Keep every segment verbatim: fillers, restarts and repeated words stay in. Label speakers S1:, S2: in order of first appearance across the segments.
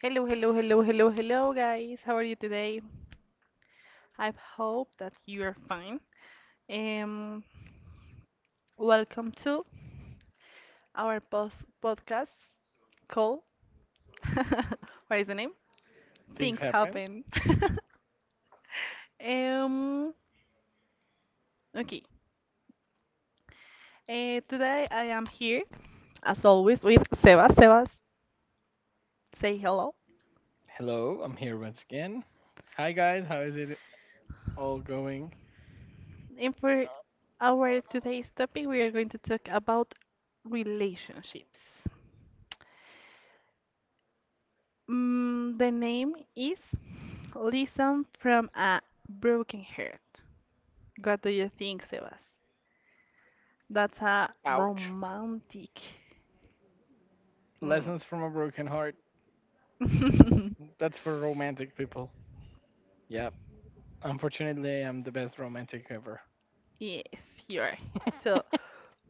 S1: Hello, hello, hello, hello, hello, guys. How are you today? I hope that you are fine. Um, Welcome to our post podcast call. What is the name?
S2: Things
S1: Things
S2: happen.
S1: happen. Um, okay. Uh, today I am here, as always, with Sebas. Sebas, say hello.
S2: Hello, I'm here once again. Hi guys, how is it all going?
S1: And for our today's topic, we are going to talk about relationships. Mm, the name is Listen from a Broken Heart. What do you think, Sebas? That's a
S2: Ouch.
S1: romantic. Mm.
S2: Lessons from a broken heart. That's for romantic people. Yep. Unfortunately, I'm the best romantic ever.
S1: Yes, you are. So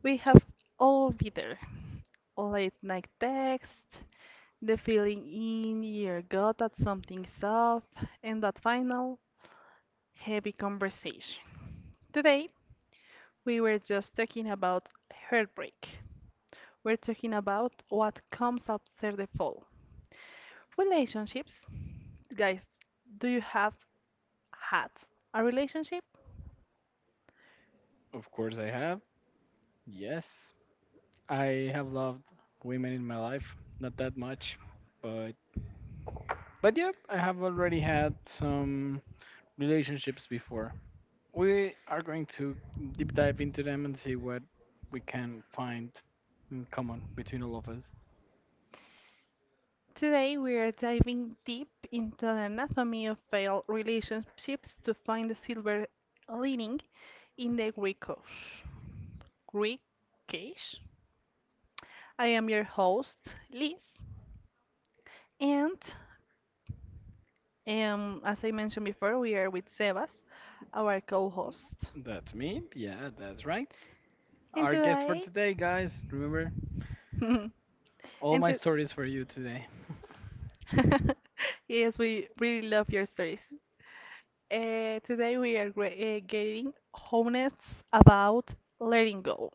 S1: we have all bitter late night text, the feeling in your gut at something's up, and that final heavy conversation. Today we were just talking about heartbreak. We're talking about what comes after the fall. Relationships. Guys, do you have had a relationship?
S2: Of course I have. Yes. I have loved women in my life, not that much, but but yep, I have already had some relationships before. We are going to deep dive into them and see what we can find in common between all of us.
S1: Today we are diving deep into the anatomy of failed relationships to find the silver lining in the gray cage. Gray cage? I am your host, Liz, and um, as I mentioned before, we are with Sebas, our co-host.
S2: That's me. Yeah, that's right.
S1: And
S2: Our guest for
S1: today,
S2: today, guys. Remember, all
S1: and
S2: my
S1: to-
S2: stories for you today.
S1: yes, we really love your stories. Uh, today we are gra- uh, getting honest about letting go.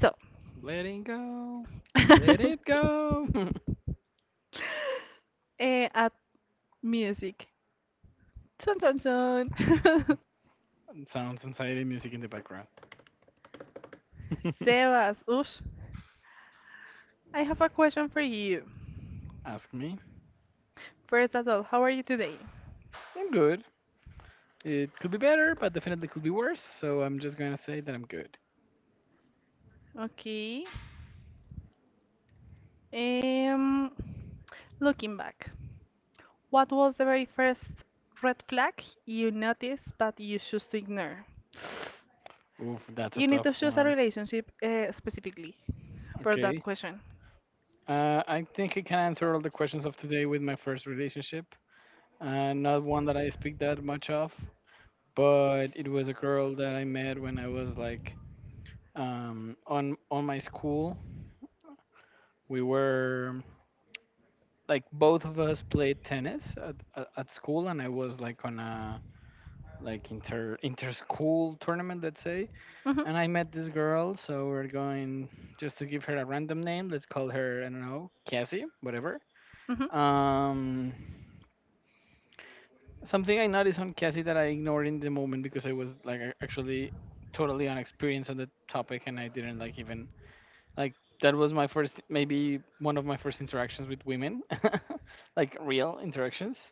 S1: So,
S2: Letting go.
S1: eh,
S2: Let it go.
S1: at music. Chun chun chun.
S2: Sounds anxiety music in the background.
S1: Sebas, oosh, I have a question for you.
S2: Ask me.
S1: First of all, how are you today?
S2: I'm good. It could be better, but definitely could be worse. So I'm just gonna say that I'm good.
S1: Okay. Um, Looking back, what was the very first red flag you noticed but you choose to ignore?
S2: Oof, that's a
S1: You need
S2: tough
S1: to choose a
S2: one.
S1: relationship uh, specifically for that
S2: Okay.
S1: question.
S2: Uh, I think I can answer all the questions of today with my first relationship. Uh, not one that I speak that much of, but it was a girl that I met when I was like um, on on my school we were like both of us played tennis at, at, at school, and I was like on a like inter inter school tournament, let's say.
S1: Mhm.
S2: And I met this girl, so we're going just to give her a random name, let's call her, I don't know, Cassie, whatever.
S1: Mhm.
S2: um Something I noticed on Cassie that I ignored in the moment, because I was like a- actually totally unexperienced on the topic, and I didn't like even. Like, that was my first, maybe one of my first interactions with women, like real interactions.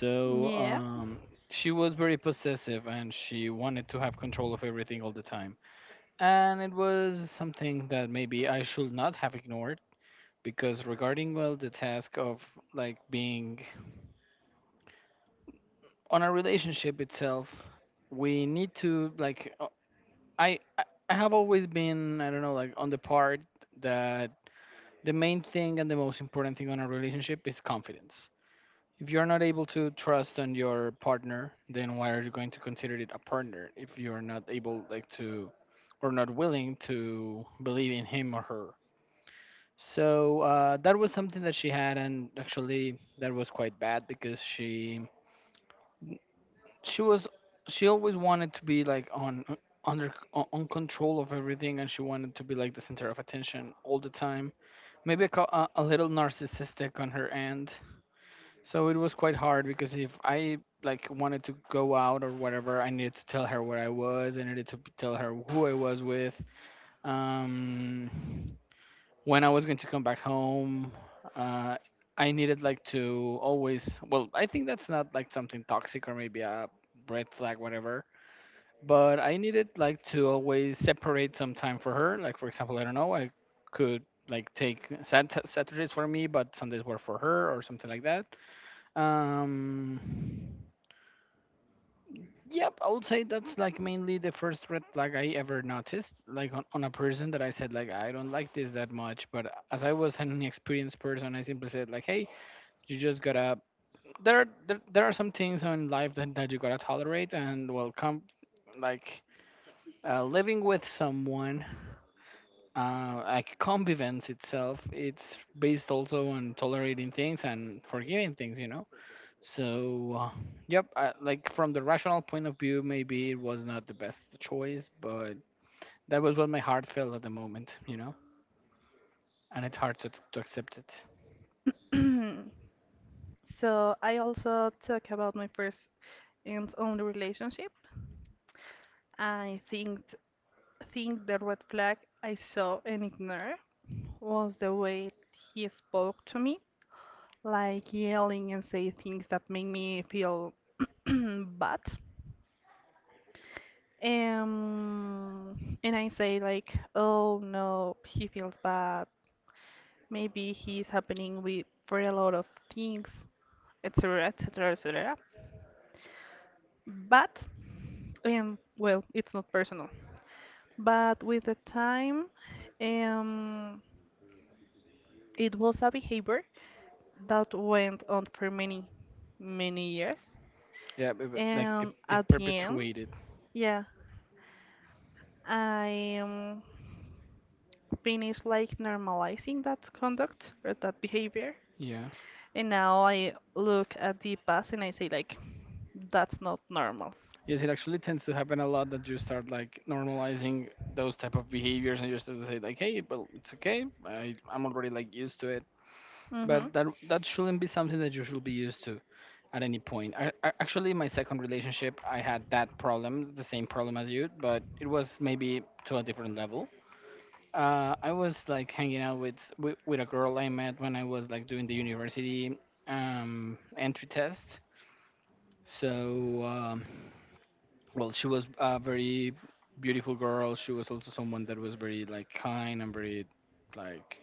S2: So
S1: Yeah.
S2: um, she was very possessive and she wanted to have control of everything all the time. And it was something that maybe I should not have ignored, because regarding well the task of like being on a relationship itself, we need to like uh, I I I have always been, I don't know, like on the part that the main thing and the most important thing on a relationship is confidence. If you're not able to trust on your partner, then why are you going to consider it a partner if you're not able like to or not willing to believe in him or her? So uh, that was something that she had, and actually that was quite bad because she she was she always wanted to be like on under on on control of everything, and she wanted to be like the center of attention all the time, maybe a, co- a, a little narcissistic on her end. So it was quite hard because if I like wanted to go out or whatever, I needed to tell her where I was. I needed to p- tell her who I was with, um, when I was going to come back home. Uh, I needed like to always. Well, I think that's not like something toxic or maybe a red flag, whatever. But I needed like to always separate some time for her. Like for example, I don't know, I could like take Sat- Saturdays for me, but Sundays were for her or something like that. um, yep, I would say that's like mainly the first red flag I ever noticed, like on, on a person that I said like I don't like this that much. But as I was an experienced person, I simply said like, hey, you just gotta. There are there, there are some things in life that, that you gotta tolerate and well come like uh, living with someone. Uh, like convivence itself, it's based also on tolerating things and forgiving things, you know. So, uh, yep, I, like from the rational point of view, maybe it was not the best choice, but that was what my heart felt at the moment, you know? And it's hard to, to accept it.
S1: So I also talk about my first and only relationship. I think think the red flag I saw and ignored was the way he spoke to me, like yelling and say things that make me feel bad. Um, and I say like, oh no, he feels bad. Maybe he's happening with for a lot of things, et cetera, et cetera, et cetera. But, um, well, it's not personal. But with the time, um, it was a behavior that went on for many, many years.
S2: Yeah, but, but, like it,
S1: And
S2: it
S1: at the end,
S2: perpetuated.
S1: yeah, I um, finish like normalizing that conduct or that behavior.
S2: Yeah.
S1: And now I look at the past and I say like, that's not normal.
S2: Yes, it actually tends to happen a lot that you start like normalizing those type of behaviors and you start to say like, hey, well, it's okay. I, I'm already like used to it.
S1: Mhm.
S2: But that that shouldn't be something that you should be used to at any point. I, I, actually, my second relationship, I had that problem, the same problem as you, but it was maybe to a different level. Uh, I was like hanging out with, with with a girl I met when I was like doing the university um, entry test. So, um, well, she was a very beautiful girl. She was also someone that was very like kind and very like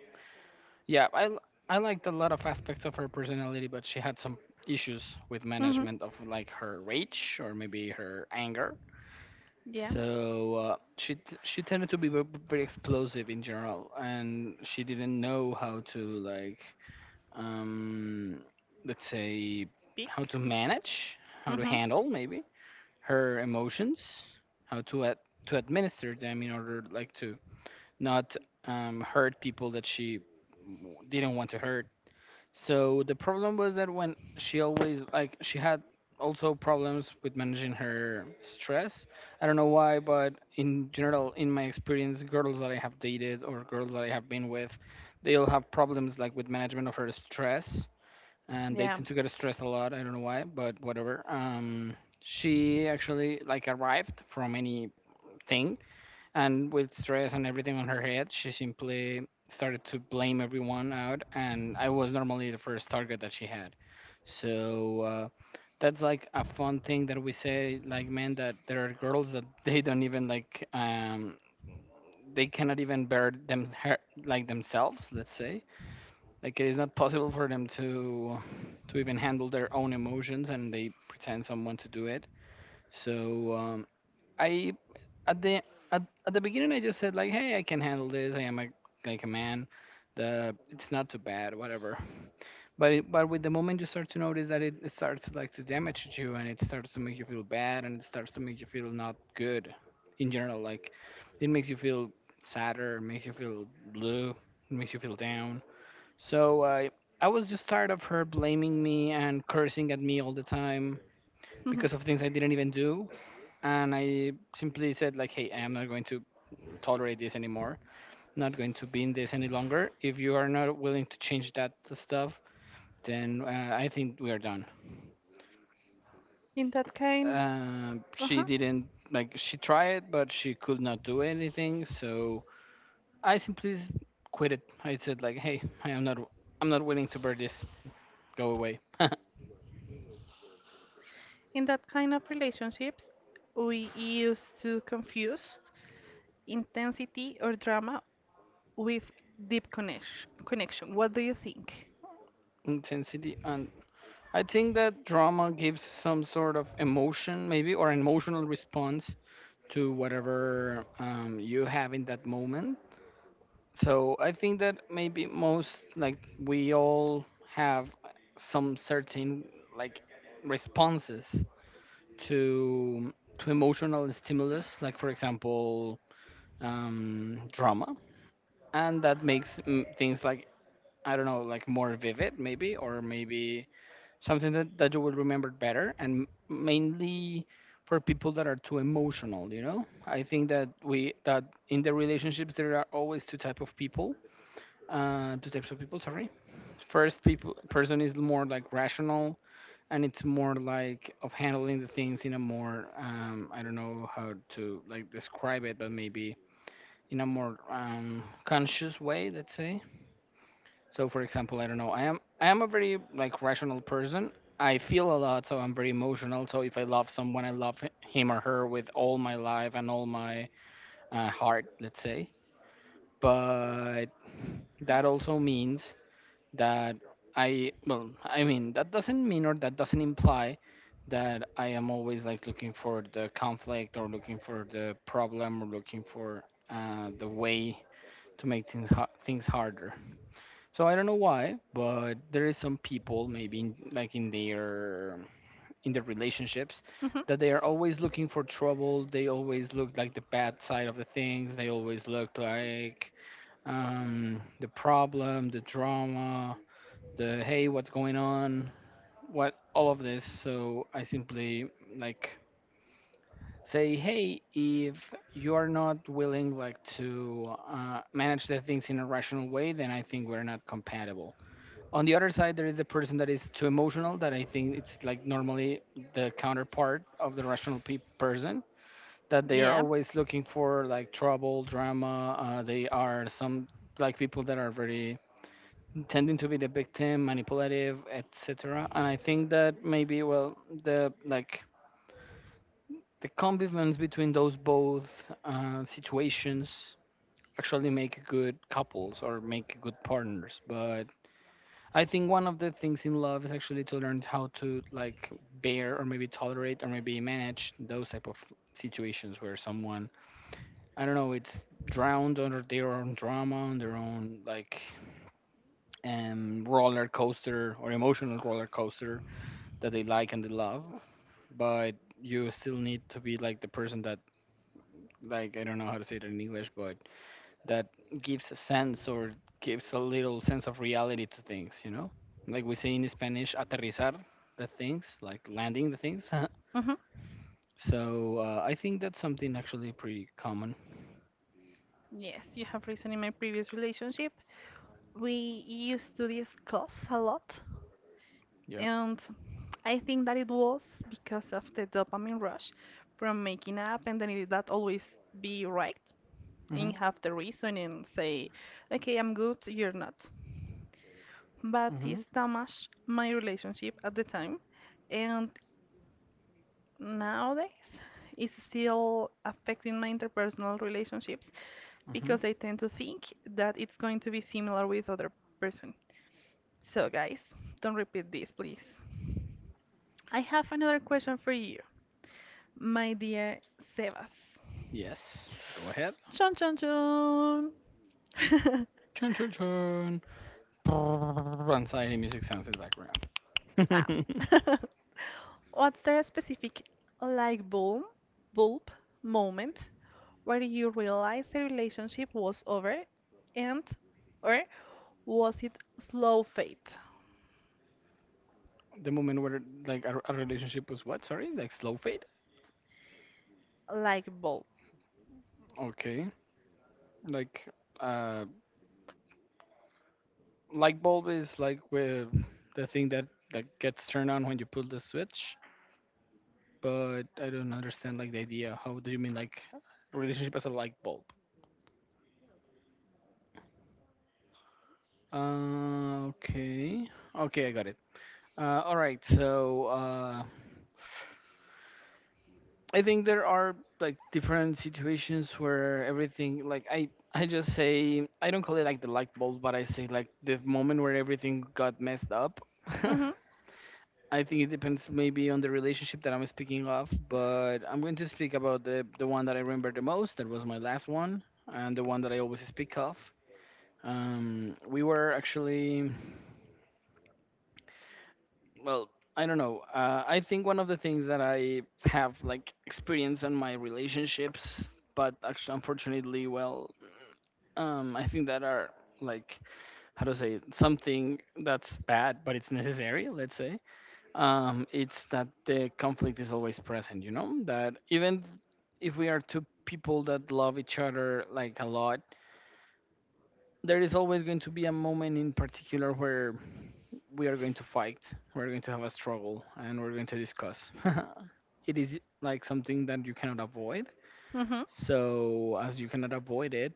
S2: yeah, I l- I liked a lot of aspects of her personality, but she had some issues with
S1: Mhm.
S2: management of like her rage or maybe her anger.
S1: Yeah.
S2: So uh, she t- she tended to be ve- very explosive in general, and she didn't know how to like um let's say
S1: Big.
S2: how to manage, how to
S1: Mhm.
S2: handle maybe her emotions, how to ad- to administer them in order like to not um, hurt people that she w- didn't want to hurt. So the problem was that when she always like she had also problems with managing her stress. I don't know why, but in general, in my experience, girls that I have dated or girls that I have been with, they all have problems like with management of her stress, and they
S1: Yeah.
S2: tend to get stressed a lot. I don't know why, but whatever. Um, she actually like arrived from anything and with stress and everything on her head, she simply started to blame everyone out, and I was normally the first target that she had. So uh, that's like a fun thing that we say, like men, that there are girls that they don't even like, um, they cannot even bear them her, like themselves. Let's say like it is not possible for them to to even handle their own emotions, and they pretend someone to do it. So um, I at the at, at the beginning I just said like, hey, I can handle this. I am a like a man. The it's not too bad, whatever. But it, but with the moment you start to notice that it, it starts like to damage you and it starts to make you feel bad and it starts to make you feel not good in general. Like it makes you feel sadder, it makes you feel blue, it makes you feel down. So I I was just tired of her blaming me and cursing at me all the time
S1: Mhm.
S2: because of things I didn't even do, and I simply said like, "Hey, I am not going to tolerate this anymore. Not going to be in this any longer. If you are not willing to change that stuff, then uh, I think we are done."
S1: In that kind.
S2: Um,
S1: Uh
S2: she
S1: huh.
S2: didn't like. She tried, but she could not do anything. So I simply s- quit it. I said like, "Hey, I am not. I'm not willing to bear this. Go away."
S1: In that kind of relationships, we used to confuse intensity or drama with deep connection. Connection. What do you think?
S2: Intensity, and I think that drama gives some sort of emotion, maybe, or an emotional response to whatever um, you have in that moment. So I think that maybe most like we all have some certain like responses to to emotional stimulus, like for example um, drama, and that makes mm, things like, I don't know, like more vivid maybe, or maybe something that, that you will remember better, and mainly for people that are too emotional, you know. I think that we that in the relationships there are always two type of people, uh two types of people, sorry. First people person is more like rational, and it's more like of handling the things in a more um I don't know how to like describe it, but maybe in a more um conscious way, let's say. So for example, I don't know. I am I am a very like rational person. I feel a lot, so I'm very emotional. So if I love someone, I love h- him or her with all my life and all my uh, heart, let's say. But that also means that I well, I mean that doesn't mean or that doesn't imply that I am always like looking for the conflict or looking for the problem or looking for uh, the way to make things ha- things harder. So I don't know why, but there is some people maybe in, like in their in their relationships that
S1: Hmm.
S2: they are always looking for trouble. They always look like the bad side of the things. They always look like um, the problem, the drama, the hey, what's going on, what all of this. So I simply, like, say, hey, if you are not willing, like, to uh, manage the things in a rational way, then I think we're not compatible. On the other side, there is the person that is too emotional, that I think it's, like, normally the counterpart of the rational pe- person, that they are
S1: Yeah.
S2: always looking for, like, trouble, drama, uh, they are some like people that are very tending to be the victim, manipulative, etc. And I think that maybe, well, the like the combination between those both uh, situations actually make good couples or make good partners. But I think one of the things in love is actually to learn how to, like, bear or maybe tolerate or maybe manage those type of situations where someone, I don't know, it's drowned under their own drama, on their own, like, um roller coaster or emotional roller coaster that they like and they love. But you still need to be like the person that, like, I don't know how to say it in English, but that gives a sense or gives a little sense of reality to things, you know? Like we say in Spanish, aterrizar the things, like landing the things.
S1: Hmm.
S2: So uh, I think that's something actually pretty common.
S1: Yes, you have reason. In my previous relationship, we used to discuss a lot,
S2: Yeah.
S1: and I think that it was because of the dopamine rush from making up, and then it, that always be right
S2: Mhm.
S1: and have the reason and say, okay, I'm good, you're not. But
S2: Mhm.
S1: this damaged my relationship at the time, and nowadays is still affecting my interpersonal relationships
S2: Mhm.
S1: because I tend to think that it's going to be similar with other person. So guys, don't repeat this, please. I have another question for you, my dear Sebas.
S2: Yes. Go ahead.
S1: Chon chon chon.
S2: Chun chun chun. Brrrr, anxiety music sounds in the background.
S1: ah. What's there a specific light bulb, bulb moment where you realized the relationship was over and or was it slow fade,
S2: The moment where, like, a, a relationship was what? Sorry, like slow fade.
S1: like ball?
S2: Okay. Like uh light bulb is like with the thing that that gets turned on when you pull the switch, but I don't understand, like, the idea. How do you mean, like, relationship as a light bulb? uh, okay okay, I got it. uh, all right. So uh, I think there are like different situations where everything like i i just say, I don't call it like the light bulb, but I say like the moment where everything got messed up.
S1: Mhm.
S2: I think it depends maybe on the relationship that I'm speaking of, but I'm going to speak about the the one that I remember the most. That was my last one, and the one that I always speak of. Um, we were actually, well, I don't know. Uh, I think one of the things that I have, like, experience on my relationships, but actually, unfortunately, well, um, I think that are, like, how to say it, something that's bad, but it's necessary. Let's say um, it's that the conflict is always present, you know? That even if we are two people that love each other, like, a lot, there is always going to be a moment in particular where we are going to fight, we're going to have a struggle, and we're going to discuss. It is like something that you cannot avoid.
S1: Mhm.
S2: So, as you cannot avoid it,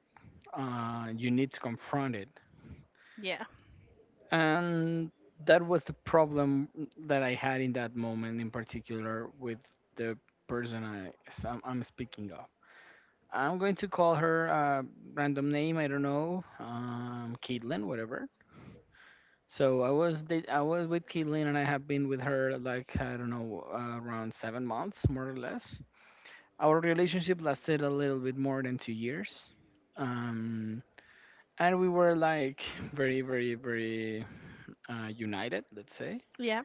S2: uh, you need to confront it.
S1: Yeah.
S2: And that was the problem that I had in that moment in particular with the person I am I s- I'm, I'm speaking of. I'm going to call her a random name. I don't know, um, Caitlin, whatever. So I was da- I was with Caitlin, and I have been with her, like, I don't know, uh, around seven months, more or less. Our relationship lasted a little bit more than two years, um, and we were like very very very uh, united, let's say.
S1: Yeah.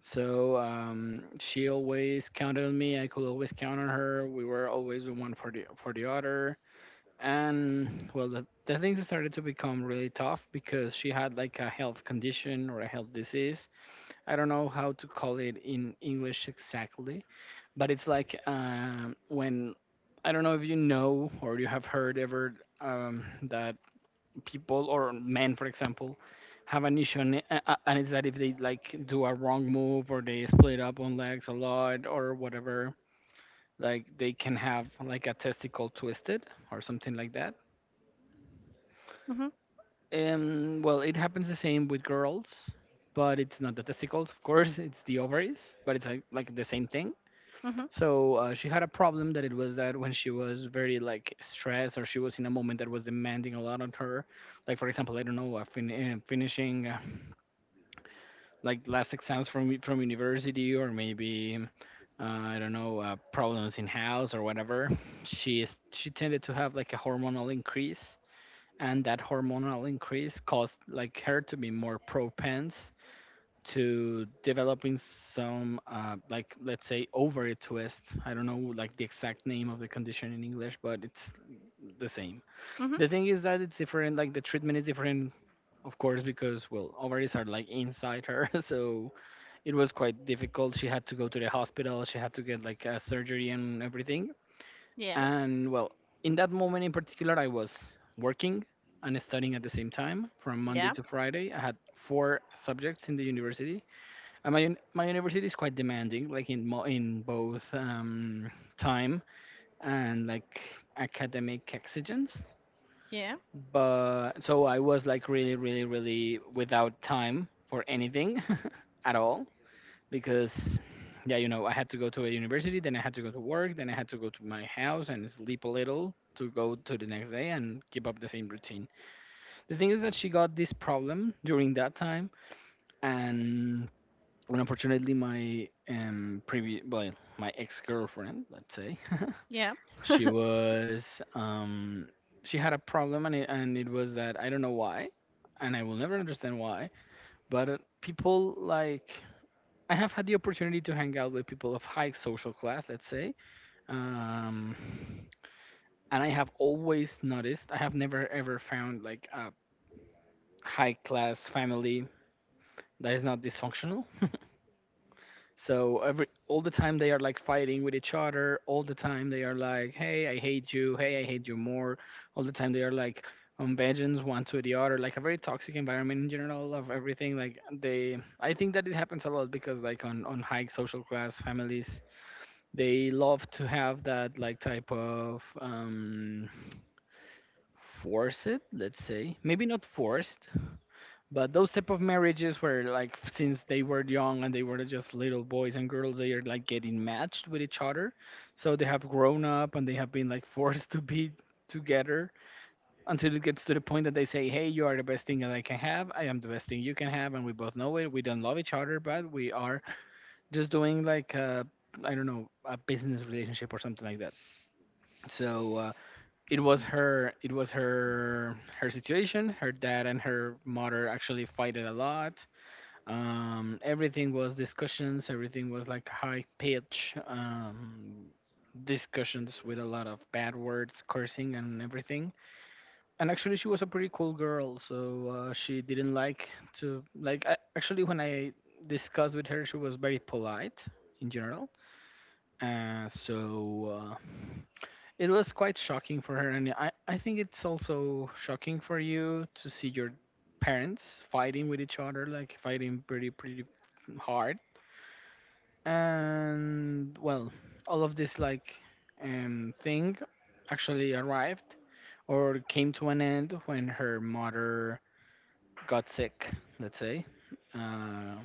S2: So um, she always counted on me. I could always count on her. We were always the one for the for the other. And, well, the, the things started to become really tough because she had, like, a health condition or a health disease. I don't know how to call it in English exactly, but it's like um, when, I don't know if you know or you have heard ever um, that people or men, for example, have an issue, and, uh, uh, and it's that if they, like, do a wrong move or they split up on legs a lot or whatever, like they can have, like, a testicle twisted or something like that.
S1: Mhm.
S2: And, well, it happens the same with girls, but it's not the testicles, of course, it's the ovaries, but it's like, like the same thing.
S1: Mhm.
S2: So uh, she had a problem that it was that when she was very, like, stressed or she was in a moment that was demanding a lot on her, like, for example, I don't know, uh, fin- uh, finishing, uh, like, last exams from from university, or maybe uh, I don't know, uh, problems in house or whatever. She is she tended to have, like, a hormonal increase, and that hormonal increase caused, like, her to be more propense to developing some uh, like, let's say, ovary twist. I don't know, like, the exact name of the condition in English, but it's the same.
S1: Mhm.
S2: The thing is that it's different. Like, the treatment is different, of course, because, well, ovaries are, like, inside her, so it was quite difficult. She had to go to the hospital. She had to get, like, a surgery and everything.
S1: Yeah.
S2: And, well, in that moment in particular, I was working and studying at the same time from Monday
S1: Yeah.
S2: to Friday. I had four subjects in the university. And my uni- my university is quite demanding, like, in mo- in both, um, time and, like, academic exigence.
S1: Yeah.
S2: But so I was, like, really, really, really without time for anything at all, because, yeah, you know, I had to go to a university, then I had to go to work, then I had to go to my house and sleep a little to go to the next day and keep up the same routine. The thing is that she got this problem during that time, and, unfortunately, my um previous, well, my ex-girlfriend, let's say
S1: Yeah.
S2: she was, um she had a problem, and it, and it was that I don't know why, and I will never understand why, but people, like, I have had the opportunity to hang out with people of high social class, let's say. Um, and I have always noticed, I have never ever found, like, a high class family that is not dysfunctional. So every all the time they are, like, fighting with each other, all the time they are like, "Hey, I hate you. Hey, I hate you more." All the time they are, like, on vengeance one to the other, like a very toxic environment in general of everything. Like, they, I think that it happens a lot because, like, on on high social class families, they love to have that, like, type of um, force it, let's say. Maybe not forced, but those type of marriages where, like, since they were young and they were just little boys and girls, they are, like, getting matched with each other. So they have grown up and they have been, like, forced to be together until it gets to the point that they say, "Hey, you are the best thing that I can have. I am the best thing you can have. And we both know it. We don't love each other, but we are just doing like a, I don't know, a business relationship or something like that." So uh, it was her, it was her her situation. Her dad and her mother actually fighted a lot. um, everything was discussions, everything was like high pitch um, discussions with a lot of bad words, cursing, and everything. And actually she was a pretty cool girl, so uh, she didn't, like, to, like, I, actually when i discussed with her, she was very polite in general. uh, so uh, it was quite shocking for her. And I, I think it's also shocking for you to see your parents fighting with each other, like, fighting pretty pretty hard. And, well, all of this, like, um, thing actually arrived or came to an end when her mother got sick, let's say. Uh,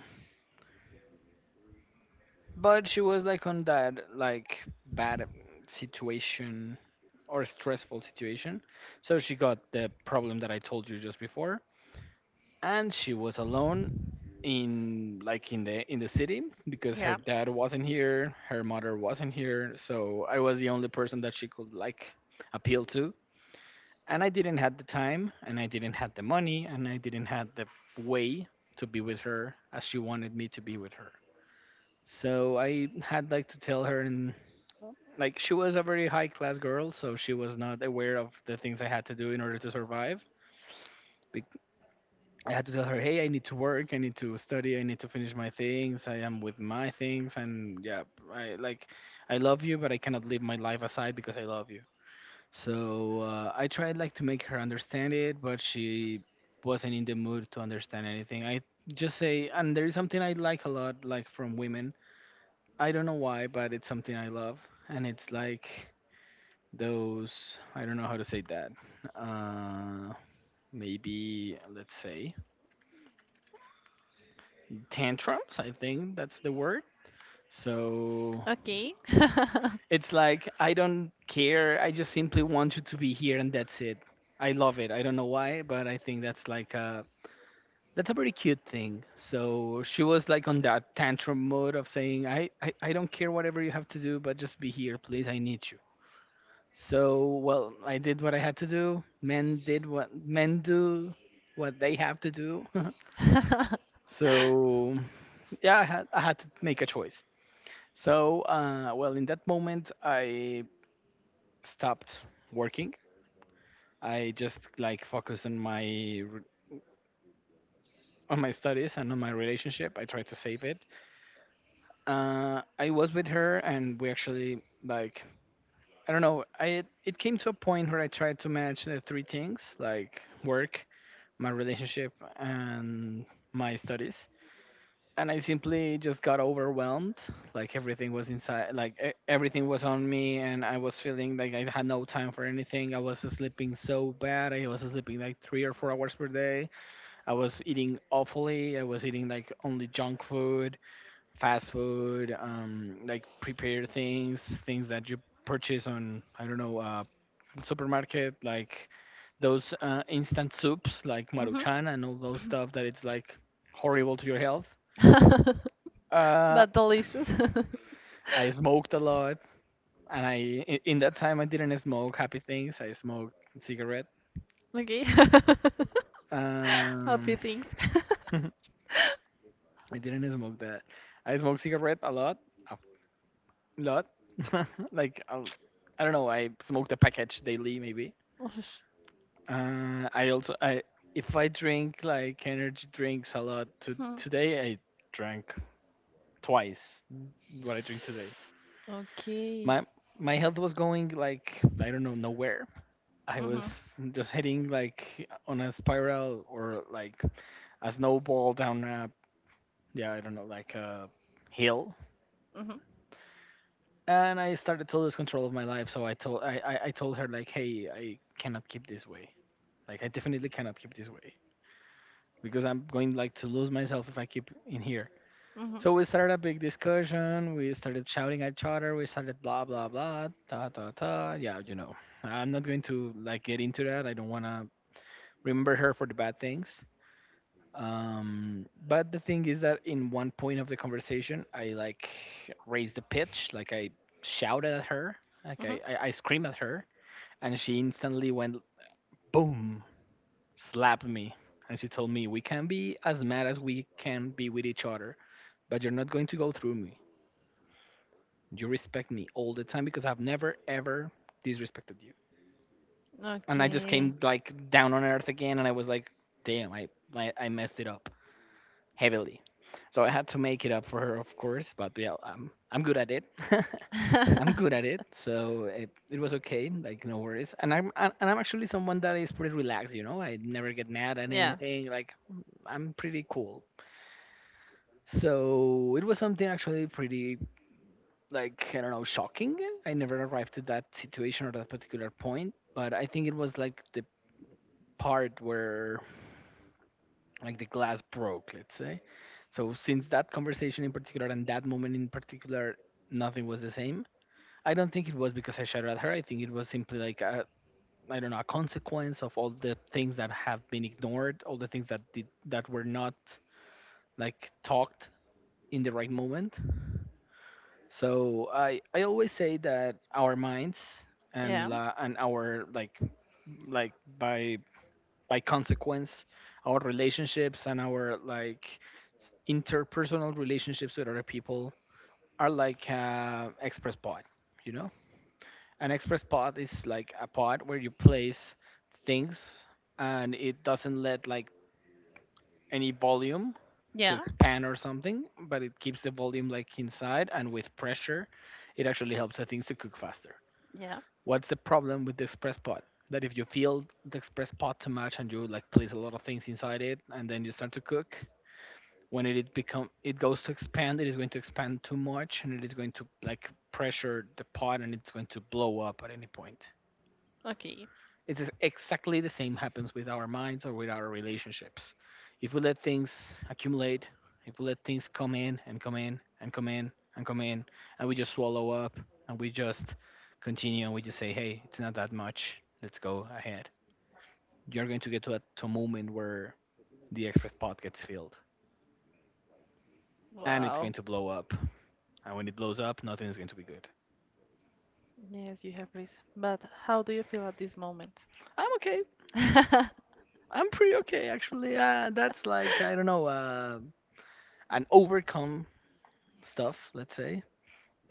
S2: but she was, like, on that, like, bad situation or stressful situation. So she got the problem that I told you just before, and she was alone in, like, in the in the city, because her
S1: Yeah.
S2: dad wasn't here, her mother wasn't here, so I was the only person that she could, like, appeal to. And I didn't have the time, and I didn't have the money, and I didn't have the way to be with her as she wanted me to be with her. So I had, like, to tell her, in, like, she was a very high class girl, so she was not aware of the things I had to do in order to survive. Be- I had to tell her, "Hey, I need to work. I need to study. I need to finish my things. I am with my things." And, yeah, I, like, I love you, but I cannot leave my life aside because I love you. So uh, I tried, like, to make her understand it, but she wasn't in the mood to understand anything. I just say, and there is something I like a lot, like, from women. I don't know why, but it's something I love, and it's like those I don't know how to say that uh maybe let's say tantrums. I think that's the word. So
S1: Okay.
S2: it's like, "I don't care. I just simply want you to be here, and that's it." I love it. I don't know why, but I think that's like a that's a pretty cute thing. So she was like on that tantrum mode of saying, i i, I don't care whatever you have to do, but just be here please, I need you. So, well, I did what I had to do. Men did what men do, what they have to do. so, yeah, I had I had to make a choice. So, uh, well, in that moment, I stopped working. I just like focused on my r- on my studies and on my relationship. I tried to save it. Uh, I was with her, and we actually like I don't know. I it came to a point where I tried to manage the three things like work, my relationship, and my studies, and I simply just got overwhelmed. Like everything was inside, like e- everything was on me, and I was feeling like I had no time for anything. I was sleeping so bad. I was sleeping like three or four hours per day. I was eating awfully. I was eating like only junk food, fast food, um like prepared things, things that you purchase on, I don't know, uh supermarket, like those uh, instant soups like
S1: Mhm.
S2: Maruchan and all those stuff that it's like horrible to your health. Uh,
S1: But delicious.
S2: I smoked a lot, and I i- in that time I didn't smoke happy things. I smoked cigarette.
S1: Okay. Happy
S2: Um,
S1: things.
S2: I didn't smoke that. I smoked cigarette a lot, a lot. Like I'll, I do not know. I smoked a package daily maybe. Uh, I also I if I drink like energy drinks a lot, to
S1: Hmm.
S2: today I drank twice what I drink today.
S1: Okay.
S2: My my health was going like, I don't know, nowhere. I was
S1: Mhm.
S2: just heading like on a spiral, or like a snowball down a, yeah, I don't know, like a hill.
S1: Mhm.
S2: And I started to lose control of my life, so I told I, I, I told her like, "Hey, I cannot keep this way. Like I definitely cannot keep this way because I'm going like to lose myself if I keep in here."
S1: Mhm.
S2: So we started a big discussion. We started shouting at each other. We started blah blah blah, ta ta ta. Yeah, you know, I'm not going to like get into that. I don't wanna remember her for the bad things. Um, but the thing is that in one point of the conversation, I like raised the pitch, like I shouted at her, like
S1: Mhm.
S2: I I, I screamed at her, and she instantly went boom, slapped me, and she told me, "We can be as mad as we can be with each other, but you're not going to go through me. You respect me all the time, because I've never ever disrespected you." And I just
S1: Okay.
S2: came like down on earth again, and I was like, "Damn, I I, I messed it up heavily." So I had to make it up for her, of course. But yeah, I'm I'm good at it. I'm good at it, so it, it was okay. Like no worries. And I'm and and I'm actually someone that is pretty relaxed. You know, I never get mad at
S1: Yeah.
S2: anything. Like I'm pretty cool. So it was something actually pretty, like I don't know, shocking. I never arrived to that situation or that particular point, but I think it was like the part where, like, the glass broke, let's say. So since that conversation in particular and that moment in particular, nothing was the same. I don't think it was because I shouted at her. I think it was simply like a, I don't know, a consequence of all the things that have been ignored, all the things that did that were not like talked in the right moment. So I I always say that our minds and la, and our like like by by consequence, our relationships and our like, s- interpersonal relationships with other people, are like uh, express pod, you know. An express pod is like a pod where you place things, and it doesn't let like any volume to
S1: Yeah.
S2: expand
S1: Yeah.
S2: or something, but it keeps the volume like inside, and with pressure, it actually helps the things to cook faster.
S1: Yeah.
S2: What's the problem with the express pot? That if you fill the express pot too much and you like place a lot of things inside it, and then you start to cook, when it, it become it goes to expand, it is going to expand too much, and it is going to like pressure the pot, and it's going to blow up at any point.
S1: Okay.
S2: It's ex- exactly the same happens with our minds or with our relationships. If we let things accumulate, if we let things come in and come in and come in and come in, and we just swallow up, and we just continue, and we just say, "Hey, it's not that much, let's go ahead." You're going to get to a, to a moment where the express pot gets filled and it's going
S1: Wow.
S2: to blow up. And when it blows up, nothing is going to be good.
S1: Yes, you have risk. But how do you feel at this moment?
S2: I'm okay. I'm pretty okay actually. Uh, that's like, I don't know, uh, an overcome stuff, let's say.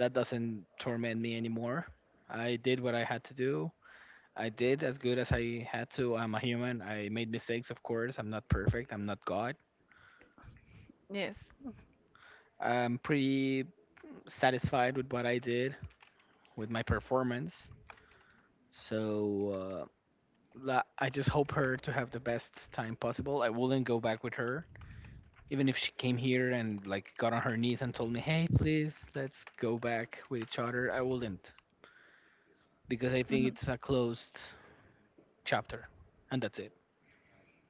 S2: That doesn't torment me anymore. I did what I had to do. I did as good as I had to. I'm a human. I made mistakes, of course. I'm not perfect. I'm not God.
S1: Yes.
S2: I'm pretty satisfied with what I did, with my performance. So uh, la- I just hope her to have the best time possible. I wouldn't go back with her, even if she came here and like got on her knees and told me, "Hey, please, let's go back with each other." I wouldn't, because I think
S1: Mhm.
S2: it's a closed chapter, and that's it.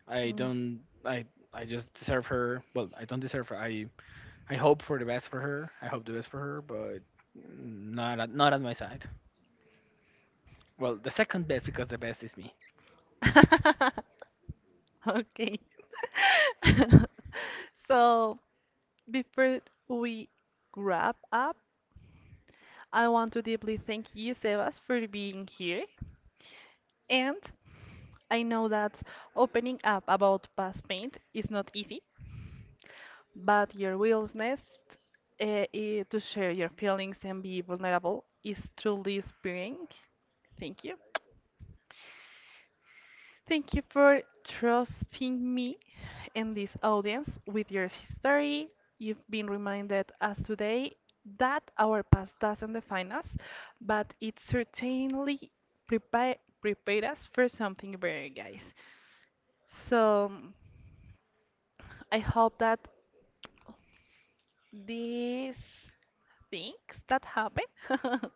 S2: I
S1: Mm.
S2: don't. I I just deserve her. Well, I don't deserve her. I I hope for the best for her. I hope the best for her, but not at, not at my side. Well, the second best, because the best is me.
S1: Okay. So, before we wrap up, I want to deeply thank you, Sebas, for being here. And I know that opening up about past pain is not easy. But your willingness uh, i- to share your feelings and be vulnerable is truly inspiring. Thank you. Thank you for trusting me and this audience with your history. You've been reminded us today that our past doesn't define us, but it certainly prepare, prepared us for something better, guys. So I hope that these things that happen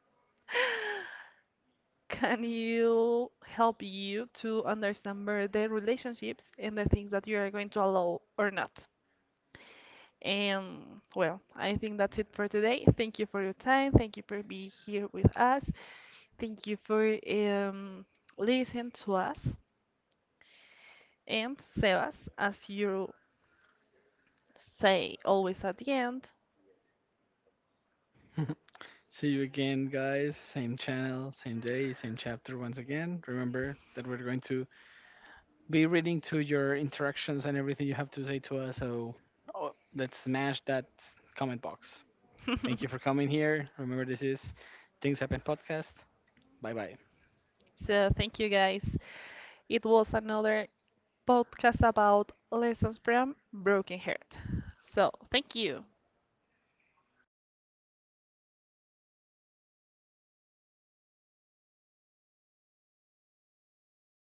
S1: can you help you to understand better the relationships and the things that you are going to allow or not? And well, I think that's it for today. Thank you for your time. Thank you for being here with us. Thank you for um, listening to us. And Sebas, as you say always at the end,
S2: See you again, guys. Same channel, same day, same chapter once again. Remember that we're going to be reading to your interactions and everything you have to say to us. So, oh, let's smash that comment box. Thank you for coming here. Remember, this is Things Happen Podcast. Bye bye.
S1: so, thank you guys. It was another podcast about lessons from Broken Heart. So, thank you.